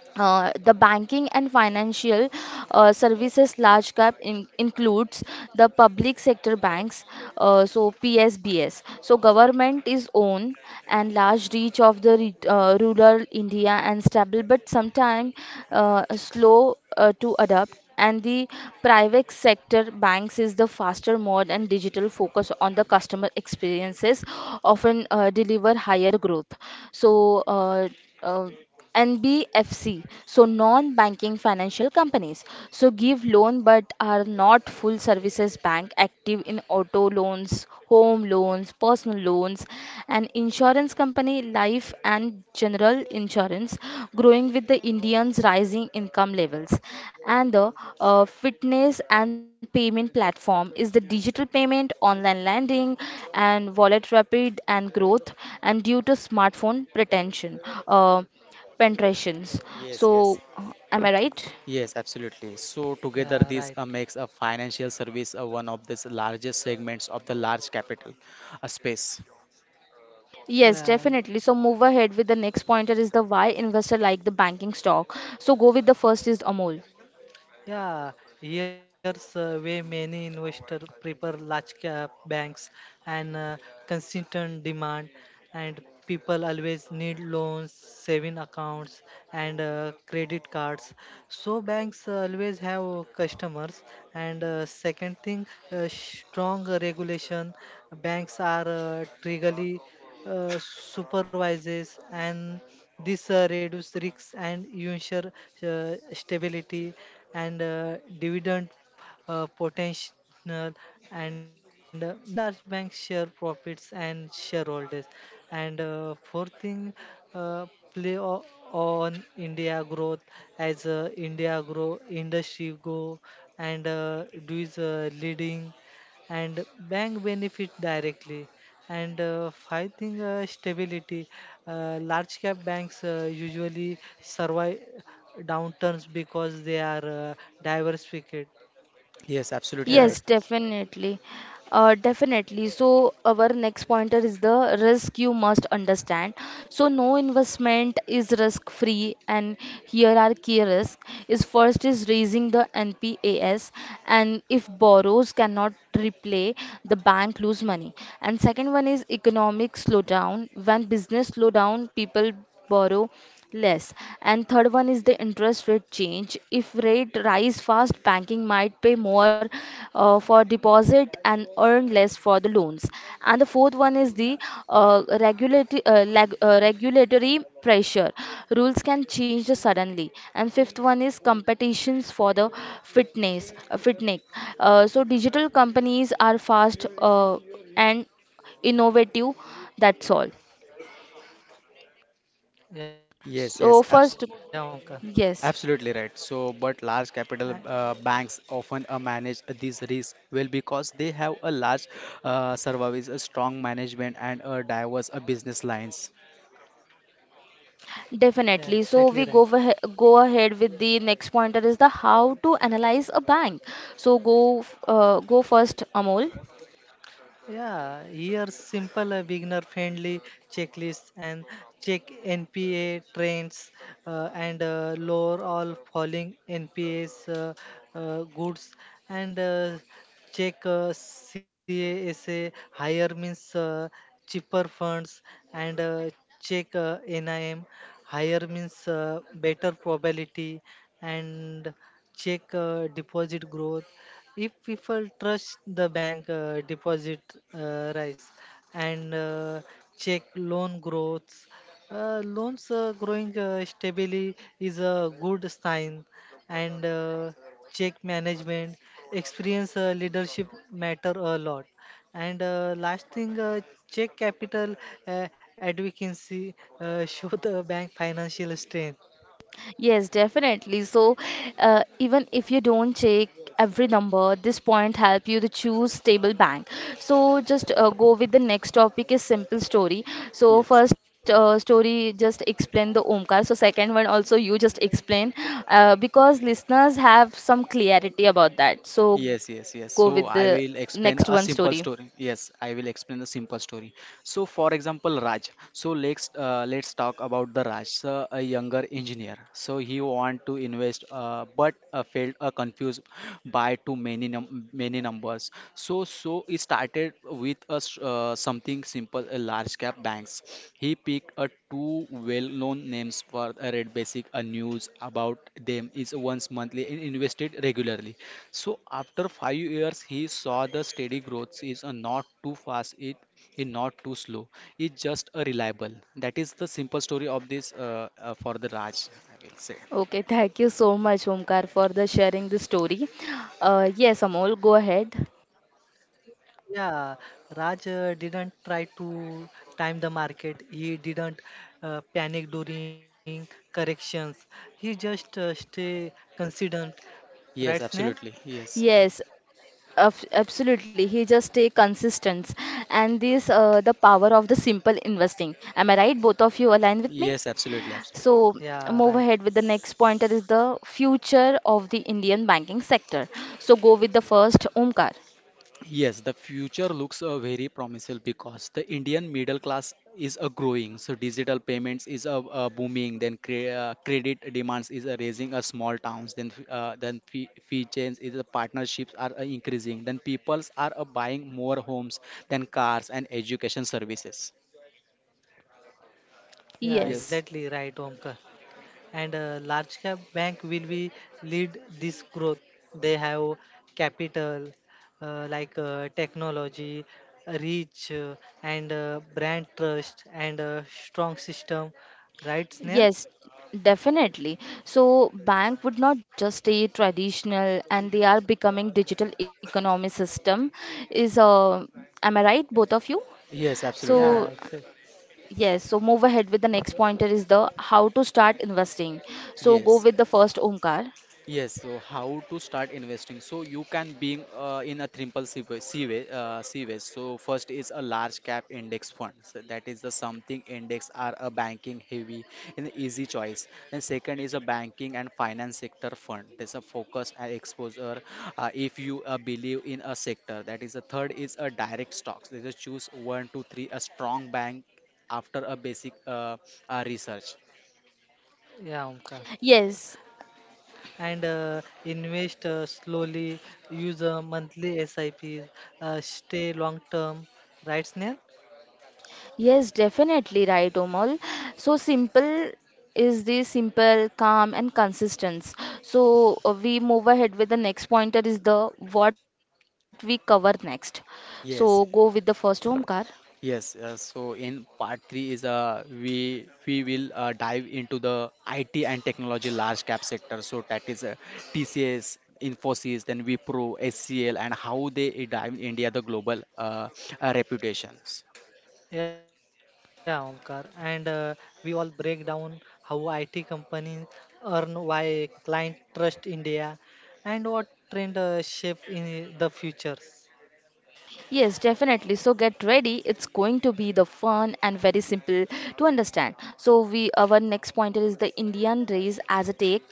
[SPEAKER 1] uh, the banking and financial uh, services large cap in, includes the public sector banks, uh, so P S B S. So government is own and large reach of the re- uh, rural India and stable, but sometime uh, slow uh, to adapt, and the private sector banks is the faster mode and digital focus on the customer experiences often uh, deliver higher growth. so uh, uh, N B F C, so non-banking financial companies, so give loan but are not full services bank, active in auto loans, home loans, personal loans, an insurance company, life and general insurance, growing with the Indians' rising income levels. And the uh, Fitness and payment platform is the digital payment, online lending, and wallet rapid and growth, and due to smartphone pretension, uh, penetrations.
[SPEAKER 2] Yes, yes.
[SPEAKER 1] So, uh, am I right?
[SPEAKER 2] Yes, absolutely. So together
[SPEAKER 3] Yeah,
[SPEAKER 2] this
[SPEAKER 3] right.
[SPEAKER 2] uh, makes a financial service uh, one of the s- largest segments of the large capital uh, space.
[SPEAKER 1] Yes,
[SPEAKER 3] Yeah,
[SPEAKER 1] definitely. So move ahead with the next pointer is the why investor like the banking stock. So go with the first is Amol.
[SPEAKER 3] yeah, here's uh, where many investors prefer large cap banks and uh, consistent demand, and people always need loans, saving accounts, and uh, credit cards. So banks always have customers. And uh, second thing, uh, strong regulation. Banks are uh, triggerly uh, supervises and this uh, reduce risks and ensure uh, stability and uh, dividend uh, potential and uh, many large banks share profits and shareholders and uh, fourth thing uh, play o- on india growth as uh, india grow industry go and uh, do is uh, leading and bank benefit directly and uh, five thing uh, stability uh, large cap banks uh, usually survive downturns because they are uh, diversified.
[SPEAKER 2] Yes, absolutely
[SPEAKER 3] Yeah,
[SPEAKER 2] right.
[SPEAKER 1] Yes, definitely. Uh, definitely. So our next pointer is the risk you must understand. So no investment is risk free, and here are key risks. Is first is raising the N P As, and if borrows cannot repay, the bank lose money. And second one is economic slowdown. When business slow down, people borrow less. And third one is the interest rate change. If rate rise fast, banking might pay more uh, for deposit and earn less for the loans. And the fourth one is the uh, regulatory uh, lag, uh, regulatory pressure. Rules can change suddenly. And fifth one is competitions for the fitness uh, fitness. Uh, so digital companies are fast uh, and innovative. That's all.
[SPEAKER 3] yeah, Omkar.
[SPEAKER 2] Yes, yes,
[SPEAKER 1] So
[SPEAKER 2] abs
[SPEAKER 1] first, yes.
[SPEAKER 2] absolutely
[SPEAKER 3] Uh,
[SPEAKER 2] right. So, but large capital uh, banks often uh, manage these risks well because they have a large uh, service, a strong management, and a diverse uh, business lines.
[SPEAKER 3] yeah, exactly
[SPEAKER 1] Definitely.
[SPEAKER 3] right.
[SPEAKER 1] So we go ahe- go ahead with the next pointer is the how to analyze a bank. So go f- uh, go first, Amol.
[SPEAKER 3] Yeah, here simple uh, beginner friendly checklist and check N P A trends uh, and uh, lower all falling N P As uh, uh, goods and uh, check uh, CASA higher means uh, cheaper funds and uh, check uh, NIM higher means uh, better probability and check uh, deposit growth if people trust the bank uh, deposit uh, rise and uh, check loan growth uh, loans uh, growing uh, stably is a good sign and uh, check management experience uh, leadership matter a lot and uh, last thing uh, check capital uh, adequacy uh, show the bank financial strength.
[SPEAKER 1] Yes, definitely. So, uh, even if you don't check every number, this point help you to choose stable bank. So just uh, go with the next topic is simple story. So
[SPEAKER 2] Yes.
[SPEAKER 1] first uh, story just explain the Omkar. So second one also you just explain uh, because listeners have some clarity about that. So
[SPEAKER 2] Yes,
[SPEAKER 1] go with
[SPEAKER 2] yes, yes.
[SPEAKER 1] the
[SPEAKER 2] So I
[SPEAKER 1] next
[SPEAKER 2] will
[SPEAKER 1] one
[SPEAKER 2] explain
[SPEAKER 1] story.
[SPEAKER 2] a simple story. Yes, I will explain a simple story. So, for example, Raj. So let's uh, let's talk about the Raj, so a younger engineer. So he want to invest, uh, but uh, failed, uh, confused by too many num many numbers. So so he started with a s- uh, something simple, a large cap banks. He picked a two well-known names for a Red Basic. A news about them is once monthly, and invested regularly. So after five years, he saw the steady growth, is a not too fast, it is not too slow, it's just a reliable. That is the simple story of this uh, uh, for the Raj, I will say.
[SPEAKER 1] Okay, thank you so much, Omkar, for the sharing the story. Uh, yes, Amol, go ahead.
[SPEAKER 3] Yeah, Raj uh, didn't try to time the market. He didn't uh, panic during corrections. He just uh, stay consistent. Right, Snail?
[SPEAKER 2] Yes, absolutely. Yes,
[SPEAKER 1] Yes, af- absolutely. He just stay consistent, and this uh, the power of the simple investing. Am I right? Both of you align with me.
[SPEAKER 2] yes, absolutely, absolutely.
[SPEAKER 1] So
[SPEAKER 3] Yeah,
[SPEAKER 1] move
[SPEAKER 3] right.
[SPEAKER 1] ahead with the next pointer is the future of the Indian banking sector. So go with the first Omkar.
[SPEAKER 2] Yes, the future looks uh, very promising because the Indian middle class is uh, growing. So digital payments is uh, uh, booming. Then cre uh, credit demands is uh, raising. Uh, small towns. Then f- uh, then fee, fee chains is uh, partnerships are uh, increasing. Then peoples are uh, buying more homes than cars and education services.
[SPEAKER 3] Yeah,
[SPEAKER 2] Yes.
[SPEAKER 3] exactly
[SPEAKER 1] Yes,
[SPEAKER 3] right, Omkar. And uh, large cap bank will be lead this growth. They have capital uh, like uh, technology, reach, uh, and uh, brand trust and uh, strong system. Right, Snail?
[SPEAKER 1] yes, definitely. So bank would not just stay traditional, and they are becoming digital economy system. Is uh, am I right, both of you?
[SPEAKER 2] Yes, absolutely right.
[SPEAKER 3] Yeah,
[SPEAKER 1] So
[SPEAKER 3] exactly.
[SPEAKER 1] yes, so move ahead with the next pointer is the how to start investing. So go
[SPEAKER 2] Yes.
[SPEAKER 1] with the first Omkar.
[SPEAKER 2] Yes, so how to start investing? So you can being uh, in a triple C way. C way, uh, C way. So first is a large cap index fund. So that is the something index are a banking heavy and easy choice. And second is a banking and finance sector fund. There's a focus and exposure uh, if you uh, believe in a sector. That is the third is a direct stocks. They just choose one, two, three, a strong bank after a basic uh, uh, research.
[SPEAKER 3] Yeah, Omkar.
[SPEAKER 1] Yes,
[SPEAKER 3] And uh, invest uh, slowly, use uh, monthly S I Ps, uh, stay long term, right, Snail?
[SPEAKER 1] yes, definitely right, Omal. So simple is the simple, calm, and consistent. So uh, we move ahead with the next pointer is the what we cover next. So go with the
[SPEAKER 2] Yes.
[SPEAKER 1] first Omkar.
[SPEAKER 2] Yes, uh, so in part three is, uh, we we will uh, dive into the I T and technology large cap sector. So that is uh, T C S, Infosys, then Wipro, H C L, and how they uh, dive in India the global uh, uh, reputations.
[SPEAKER 3] Yeah, Omkar. And uh, we all break down how I T companies earn, why client trust India, and what trend uh, shape in the futures.
[SPEAKER 1] Yes, definitely. So get ready. It's going to be the fun and very simple to understand. So we our next pointer is the Indian race as a tech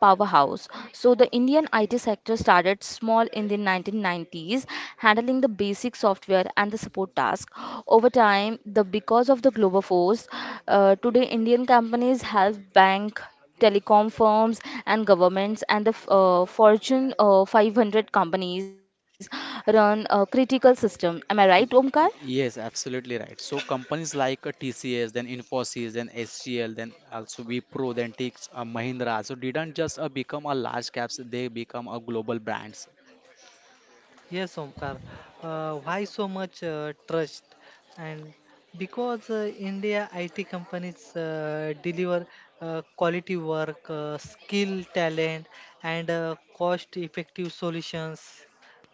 [SPEAKER 1] powerhouse. So the Indian I T sector started small in the nineteen nineties, handling the basic software and the support task. Over time, the because of the global force, uh, today Indian companies help bank telecom firms and governments and the uh, Fortune uh, five hundred companies run a critical system. Am I right, Omkar?
[SPEAKER 2] Y- y- Yes, absolutely right. So companies like uh, T C S, then Infosys, then H C L, then also Wipro, then Tix, uh, Mahindra, so didn't just uh, become a large caps; they become a global brands.
[SPEAKER 3] Yes, Omkar. Uh, why so much uh, trust? And because uh, India I T companies uh, deliver uh, quality work, uh, skill, talent, and uh, cost-effective solutions.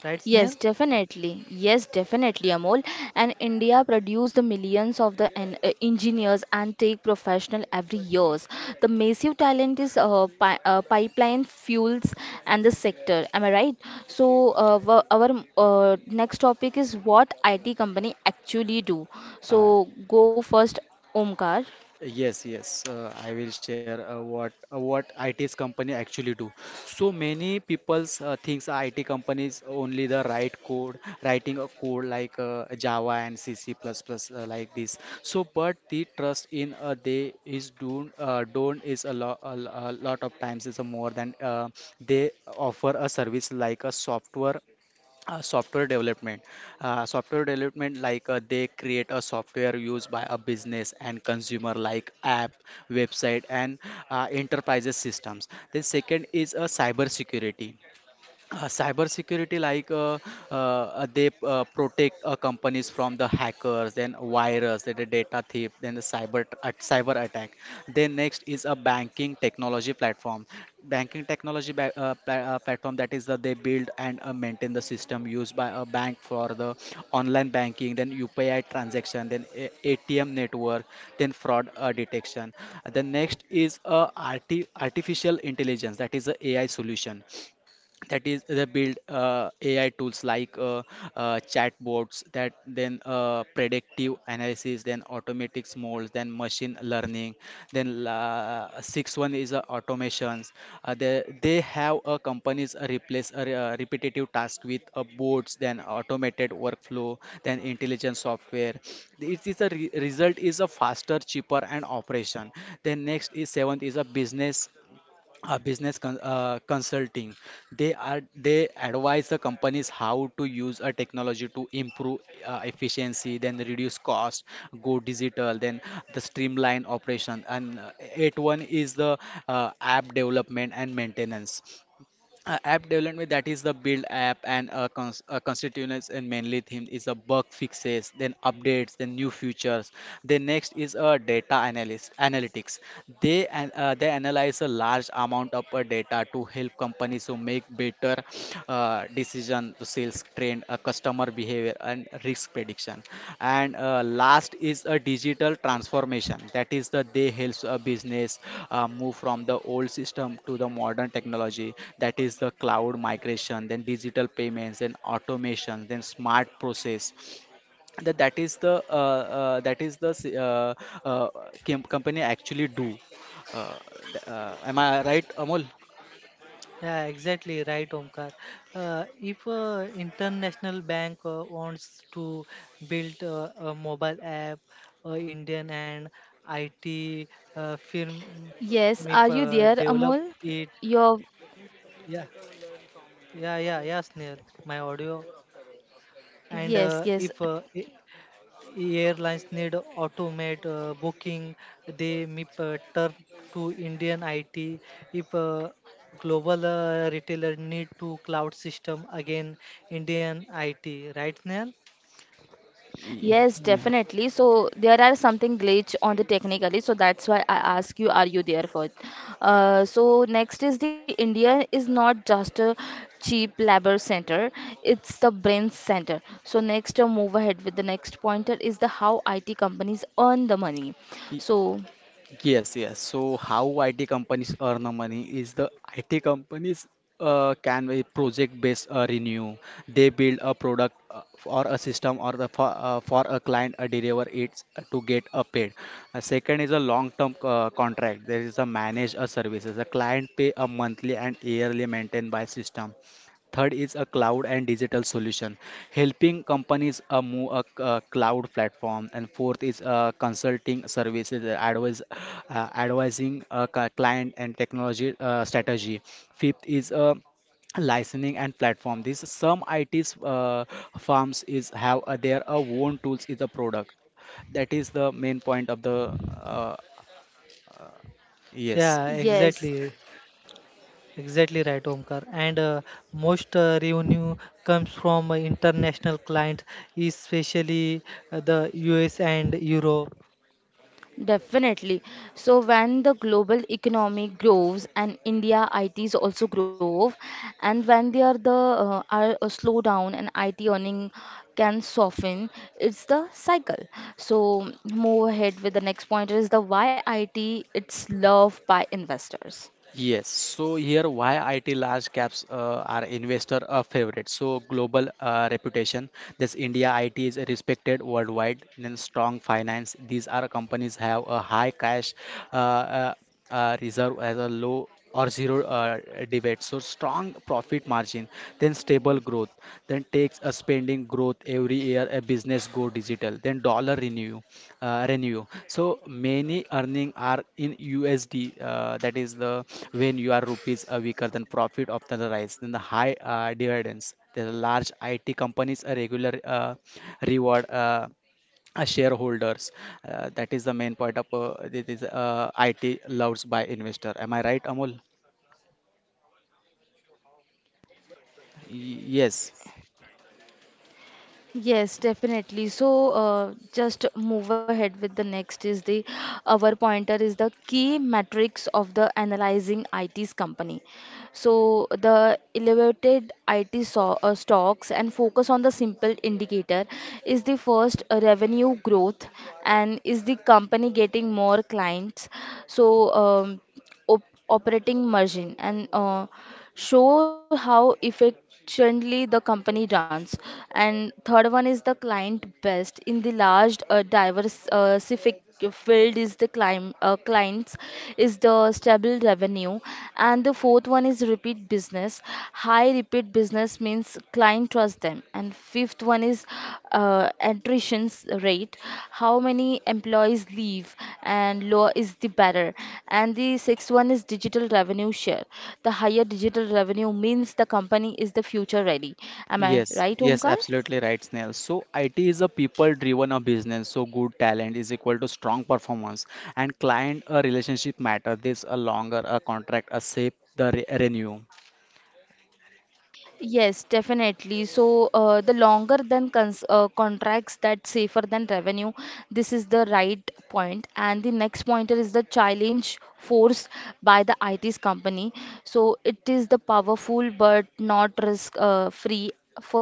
[SPEAKER 3] Right,
[SPEAKER 1] Yes,
[SPEAKER 3] Snell?
[SPEAKER 1] definitely. Yes, definitely, Amol. And India produce the millions of the en- uh, engineers and tech professional every years. The massive talent is uh, pi- uh, pipeline fuels and the sector. Am I right? So uh, wha- our uh, next topic is what I T company actually do.
[SPEAKER 2] Uh,
[SPEAKER 1] So go first, Omkar.
[SPEAKER 2] Yes, yes, uh, I will share uh, what uh, what I T's company actually do. So many people's uh, thinks I T companies only the write code, writing a code like uh, Java and C CC++ uh, like this. So, but the trust in uh, they is don't uh, don't is a lot a, lo- a lot of times is a more than uh, they offer a service like a software uh, software development uh, software development like uh, they create a software used by a business and consumer like app website and uh, enterprises systems then second is a cyber security uh, cyber security, like uh, uh, uh, they uh, protect uh, companies from the hackers then virus then the data thief then the cyber t- at- cyber attack then next is a banking technology platform banking technology ba- uh, pla- uh, platform that is the they build and uh, maintain the system used by a bank for the online banking then U P I transaction then A- ATM network then fraud uh, detection. The next is a arti- artificial intelligence, that is the A I solution, that is they build uh, A I tools like uh, uh, chatbots, that then uh, predictive analysis, then automatic models, then machine learning, then la sixth one is uh, automations. Uh, they, they have uh, companies uh, replace uh, re- uh, repetitive task with uh, bots, then automated workflow, then intelligent software. It is a re- result is a faster cheaper and operation. Then next is seventh is a business uh, business con uh, consulting. They are they advise the companies how to use a technology to improve uh, efficiency, then reduce cost, go digital, then the streamline operation. And uh, eight one is the uh, app development and maintenance. Uh, app development, that is the build app and uh, cons- uh, constituents, and mainly theme is the bug fixes, then updates, then new features. Then next is a data analyst analytics. They an- uh, they analyze a large amount of uh, data to help companies to make better uh, decision, sales trend, uh, customer behavior, and risk prediction. And uh, last is a digital transformation. That is the they helps a business uh, move from the old system to the modern technology. That is the cloud migration, then digital payments, then automation, then smart process. That that is the uh, uh, that is the s- uh, uh, com- company actually do. uh, th- uh, am I right, Amol?
[SPEAKER 3] Yeah, exactly right, Omkar. Uh, if a international bank uh, wants to build uh, a mobile app, uh, Indian and I T uh, firm
[SPEAKER 1] Yes,
[SPEAKER 3] may
[SPEAKER 1] are you
[SPEAKER 3] uh,
[SPEAKER 1] there,
[SPEAKER 3] develop
[SPEAKER 1] Amol?
[SPEAKER 3] it.
[SPEAKER 1] Your
[SPEAKER 3] Yeah, yeah, yeah, yeah, Snail. My audio. And
[SPEAKER 1] yes,
[SPEAKER 3] uh,
[SPEAKER 1] yes,
[SPEAKER 3] if uh, a- airlines need automate uh, booking, they may uh, turn to Indian I T. If uh, global uh, retailer need to cloud system, again Indian I T. Right, Snail?
[SPEAKER 1] yes,
[SPEAKER 2] Y- yeah.
[SPEAKER 1] definitely. So there are something glitch on the technically, so that's why I ask you, are you there for it? Uh, so next is the India is not just a cheap labor center; it's the brain center. So next, uh, move ahead with the next pointer is the how I T companies earn the money. So
[SPEAKER 2] Yes, yes. So how I T companies earn the money is the I T companies uh, can be project-based uh, renew. They build a product uh, or a system or the for, uh, for a client uh, deliver it uh, to get a paid. Uh, second is a long-term uh, contract. There is a manage a services. A client pay a monthly and yearly maintained by system. Third is a cloud and digital solution, helping companies uh, move a, c- a cloud platform. And fourth is uh, consulting services, uh, advise, uh, advising a cli- client and technology uh, strategy. Fifth is uh, licensing and platform. This some I T's uh, firms is have uh, their uh, own tools is a product. That is the main point of the uh, yes.
[SPEAKER 3] Yeah,
[SPEAKER 1] yes.
[SPEAKER 3] exactly. Exactly right, Omkar. And uh, most uh, revenue comes from uh, international clients, especially uh, the U S and Europe.
[SPEAKER 1] Definitely. So when the global economy grows and India I Ts also grow, and when they are the uh, are a slowdown and I T earning can soften, it's the cycle. So move ahead with the next point is the why I T it's loved by investors.
[SPEAKER 2] Yes, so here why I T large caps uh, are investor a favorite. So global uh, reputation, this India I T is respected worldwide, then strong finance. These are companies have a high cash uh, uh, uh, reserve as a low or zero uh, debate. So strong profit margin, then stable growth, then takes a spending growth every year. A business go digital, then dollar renew, uh, renew. So many earning are in U S D. Uh, that is the when your rupees are weaker, then profit often rise. Then the high uh, dividends. There are large I T companies a regular uh, reward. Uh, uh, shareholders uh, that is the main point of uh, this is uh, I T loves by investor. Am I right, Amol? Yes,
[SPEAKER 1] Yes, definitely. So, uh, just move ahead with the next is the our pointer is the key metrics of the analyzing I T's company. So the elevated I T so uh, stocks and focus on the simple indicator is the first uh, revenue growth and is the company getting more clients. So, um, op operating margin and uh, show how efficiently the company runs. And third one is the client best. In the large uh, diversific field is the client uh, clients is the stable revenue, and the fourth one is repeat business. High repeat business means means client trust them. And fifth one is uh, attrition rate. How many employees leave, and lower is the better. And the sixth one is digital revenue share. The higher digital revenue means the company is the future ready. Am I
[SPEAKER 2] yes,
[SPEAKER 1] right,
[SPEAKER 2] yes,
[SPEAKER 1] Omkar?
[SPEAKER 2] absolutely right, Snail. So I T is a people-driven a business. So good talent is equal to strong performance, and client a relationship matter. This a longer a contract, a safe the re renew.
[SPEAKER 1] Yes, definitely. So, uh, the longer than cons uh, contracts that safer than revenue. This is the right point. And the next pointer is the challenge forced by the I T's company. So it is the powerful but not risk uh, free.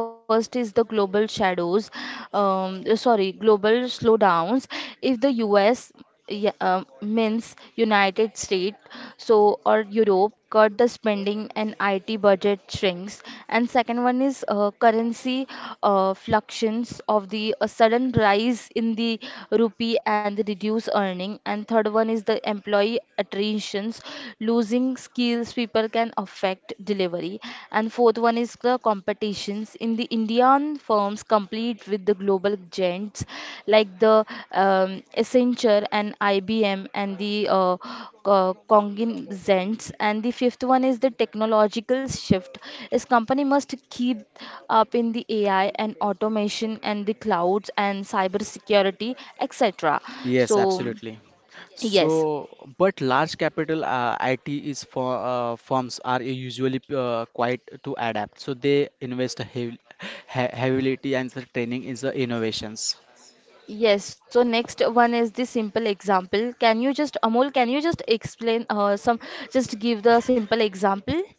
[SPEAKER 1] First is the global shadows, um, sorry, global slowdowns. If the U S yeah, um, means United States, so or Europe cut the spending and I T budget shrinks. And second one is uh, currency uh, fluctuations of the a sudden rise in the rupee and the reduced earning. And third one is the employee attritions, losing skills people can affect delivery. And fourth one is the competitions in the Indian firms compete with the global giants like the um, Accenture and I B M and the uh, co- cognizants. And the fifth one is the technological shift. Is company must keep up in the A I and automation and the clouds and cybersecurity, et cetera.
[SPEAKER 2] Yes,
[SPEAKER 1] So
[SPEAKER 2] absolutely.
[SPEAKER 1] yes.
[SPEAKER 2] So, but large capital uh, I T is for uh, firms are usually uh, quite to adapt. So they invest heavily, heavily and the training is the innovations.
[SPEAKER 1] Yes, so next one is the simple example. Can you just, Amol, can you just explain uh, some, just give the simple example?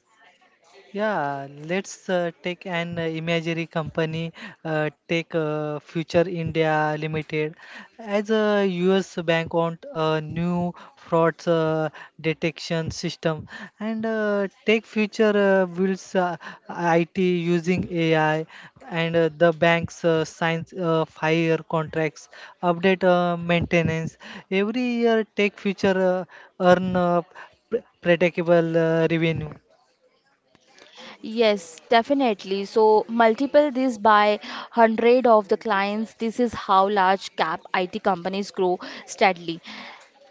[SPEAKER 3] Yeah, let's uh, take an uh, imaginary company, uh, take uh, Future India Limited as a U S bank on a new fraud uh, detection system and uh, take Future uh, builds uh, I T using A I and uh, the banks uh, signs uh, five-year contracts, update uh, maintenance. Every year, take Future uh, earn uh, pre- predictable uh, revenue.
[SPEAKER 1] Yes, definitely. So multiple this by hundred of the clients. This is how large cap I T companies grow steadily.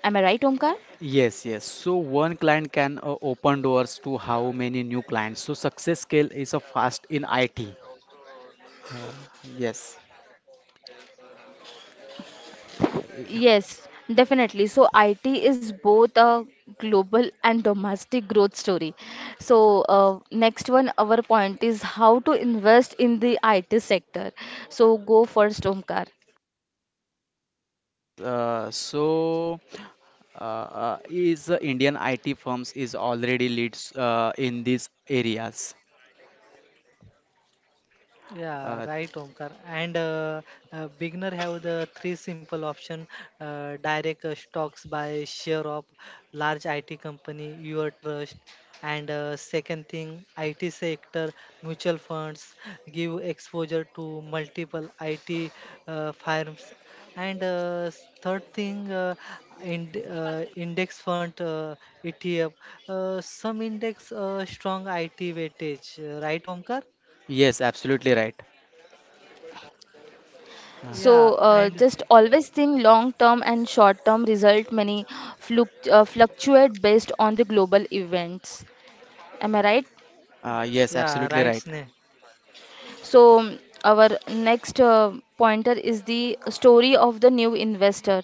[SPEAKER 1] Am I right, Omkar?
[SPEAKER 2] Yes, yes. So one client can uh, open doors to how many new clients. So success scale is a fast in I T. Yes.
[SPEAKER 1] Yes, definitely. So I T is both a global and domestic growth story. So uh, next one, our point is how to invest in the I T sector. So go first, Omkar.
[SPEAKER 2] Uh, so uh, uh, is uh, Indian I T firms is already leads uh, in these areas.
[SPEAKER 3] Yeah,
[SPEAKER 2] Uh,
[SPEAKER 3] right, Omkar. And uh, uh, beginner have the three simple option: uh, direct uh, stocks by share of large I T company your trust, and uh, second thing, I T sector mutual funds give exposure to multiple I T uh, firms, and uh, s- third thing, uh, ind uh, index fund uh, E T F. Uh, some index uh, strong I T weightage, uh, right, Omkar?
[SPEAKER 2] yes, absolutely right.
[SPEAKER 1] So
[SPEAKER 2] Uh,
[SPEAKER 3] Yeah,
[SPEAKER 1] uh, just
[SPEAKER 3] and
[SPEAKER 1] always think long term and short term result many fluc- uh, fluctuate based on the global events. Am I right?
[SPEAKER 2] uh, yes,
[SPEAKER 3] yeah, right,
[SPEAKER 2] absolutely right.
[SPEAKER 3] Sneh.
[SPEAKER 1] So our next uh, pointer is the story of the new investor.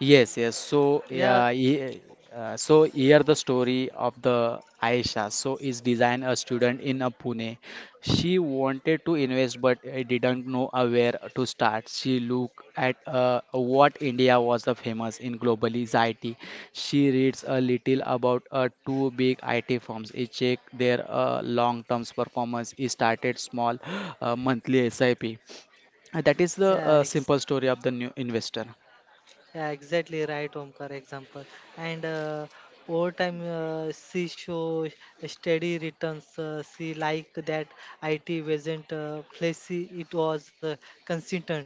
[SPEAKER 2] Yes, yes. So,
[SPEAKER 3] Yeah,
[SPEAKER 2] yeah, he- uh, so here the story of the Aisha. So, is design a student in a Pune. She wanted to invest, but uh, didn't know uh, where to start. She looked at uh, what India was the famous in globally is I T. She reads a little about uh, two big I T firms. She check their uh, long-term performance. She started small, uh, monthly S I P. Uh, that is the
[SPEAKER 3] yeah,
[SPEAKER 2] uh,
[SPEAKER 3] ex
[SPEAKER 2] simple story of the new investor.
[SPEAKER 3] yeah, exactly right, Omkar. Example and uh, over time, uh, she show steady returns. Uh, she like that I T wasn't uh, flashy; it was uh, consistent.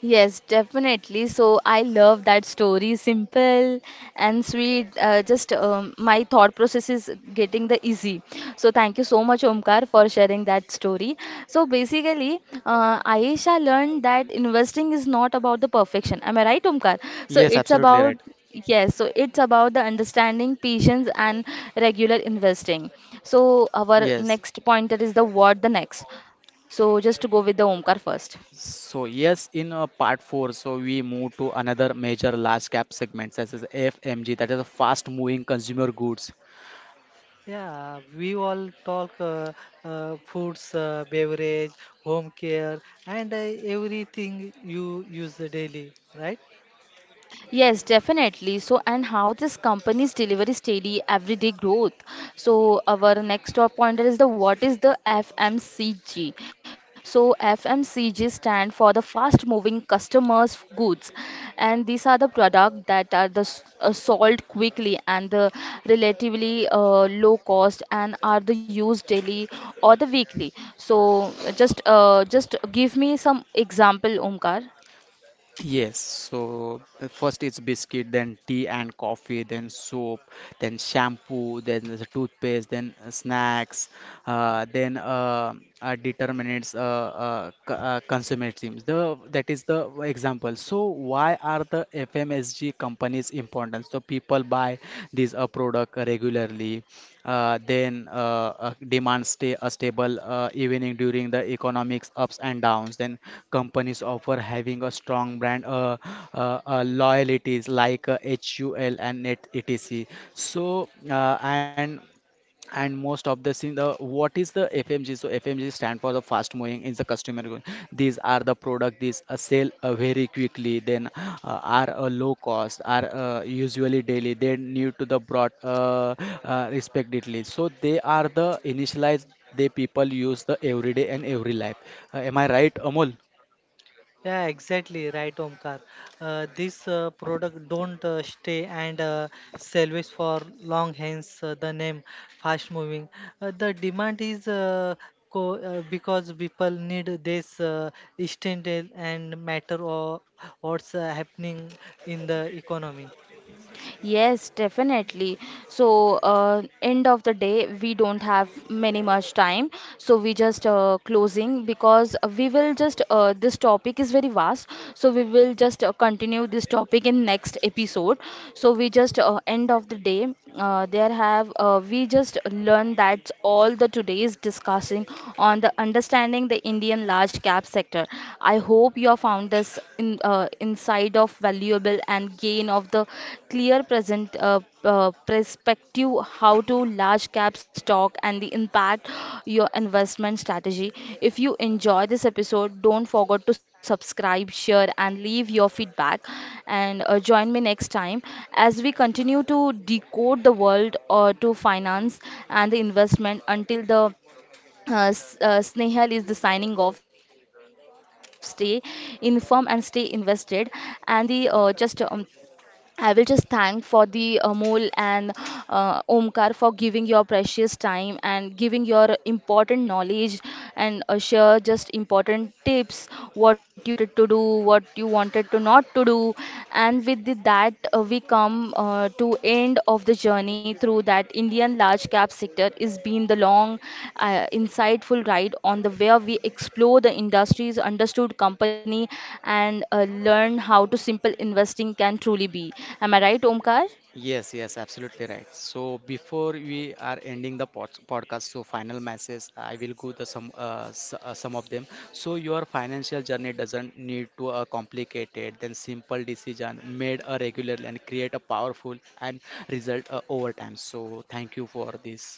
[SPEAKER 1] Yes, definitely. So I love that story. Simple and sweet. Uh, just um, my thought process is getting the easy. So thank you so much, Omkar, for sharing that story. So basically, uh, Ayesha learned that investing is not about the perfection. Am I right, Omkar? So
[SPEAKER 2] Yes,
[SPEAKER 1] it's
[SPEAKER 2] absolutely
[SPEAKER 1] about
[SPEAKER 2] right.
[SPEAKER 1] yes, so it's about the understanding patience and regular investing. So our
[SPEAKER 2] Yes.
[SPEAKER 1] next pointer is the what the next. So just to go with the Omkar first.
[SPEAKER 2] So yes, in uh, part four, so we move to another major large cap segment, such as F M G, that is a fast moving consumer goods.
[SPEAKER 3] Yeah, we all talk uh, uh, foods, uh, beverage, home care, and uh, everything you use daily, right?
[SPEAKER 1] Yes, definitely. So and how this company's delivery steady everyday growth. So our next top pointer is the what is the F M C G? So F M C G stand for the fast moving customers goods, and these are the product that are the s- uh, sold quickly and the relatively uh, low cost and are the used daily or the weekly. So just uh, just give me some example, Omkar.
[SPEAKER 2] Yes, so uh, first it's biscuit, then tea and coffee, then soap, then shampoo, then there's a toothpaste, then uh, snacks, uh, then uh, uh, determinants, uh, uh, c- uh, consummate teams. The that is the example. So why are the F M S G companies important? So people buy these uh, product regularly uh, then uh, uh, demand stay a stable uh, evening during the economics ups and downs, then companies offer having a strong brand uh, uh, uh, loyalties like uh, H U L and Net, etc. So uh, and and most of the scene the what is the F M G? So F M G stand for the fast moving is the customer good. These are the product, these uh, sell uh, very quickly, then uh, are uh, low cost, are uh, usually daily they need to the broad uh, uh, respectively, so they are the initialized, they people use the everyday and every life. Uh, am I right, Amol?
[SPEAKER 3] Yeah, exactly right, Omkar. Uh, this uh, product don't uh, stay and uh, salvage for long. Hence uh, the name fast moving. Uh, the demand is uh, co- uh, because people need this uh, instant and matter or what's uh, happening in the economy.
[SPEAKER 1] Yes, definitely. So, uh, end of the day, we don't have many much time. So we just uh, closing because we will just uh, this topic is very vast. So we will just uh, continue this topic in next episode. So we just uh, end of the day. Uh, there have uh, we just learn that all the today's discussing on the understanding the Indian large cap sector. I hope you have found this in, uh, inside of valuable and gain of the clear present uh, uh, perspective how to large cap stock and the impact your investment strategy. If you enjoy this episode, don't forget to subscribe, share, and leave your feedback. And uh, join me next time as we continue to decode the world uh, to finance and the investment until the uh, S- uh, Snehal is the signing off. Stay informed and stay invested. And the uh, just um, I will just thank for the Amol and uh, Omkar for giving your precious time and giving your important knowledge and uh, share just important tips what you wanted to do, what you wanted to not to do, and with the, that uh, uh, we come uh, to end of the journey through that Indian large cap sector is been the long, uh, insightful ride on the where we explore the industries, understood company, and uh, learn how to simple investing can truly be. Am I right, Omkar?
[SPEAKER 2] Yes, yes, absolutely right. So before we are ending the pod podcast, so final messages, I will go the some uh, s uh, some of them. So your financial journey doesn't need to a complicated, then simple decision made a regular and create a powerful and result uh, over time. So thank you for this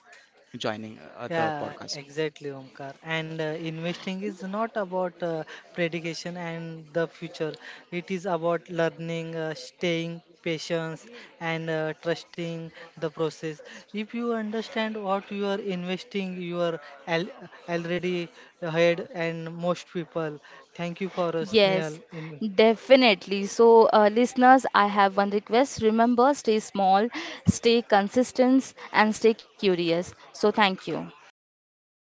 [SPEAKER 2] joining uh, the
[SPEAKER 3] Yeah,
[SPEAKER 2] podcast.
[SPEAKER 3] exactly, Omkar. And uh, investing is not about uh, predication and the future. It is about learning, uh, staying patient, and uh, trusting the process. If you understand what you are investing, you are al- already ahead, and most people. Thank you for us,
[SPEAKER 1] Yes,
[SPEAKER 3] Neil. In
[SPEAKER 1] definitely. So, uh, listeners, I have one request. Remember, stay small, stay consistent, and stay curious. So, thank you.
[SPEAKER 3] thank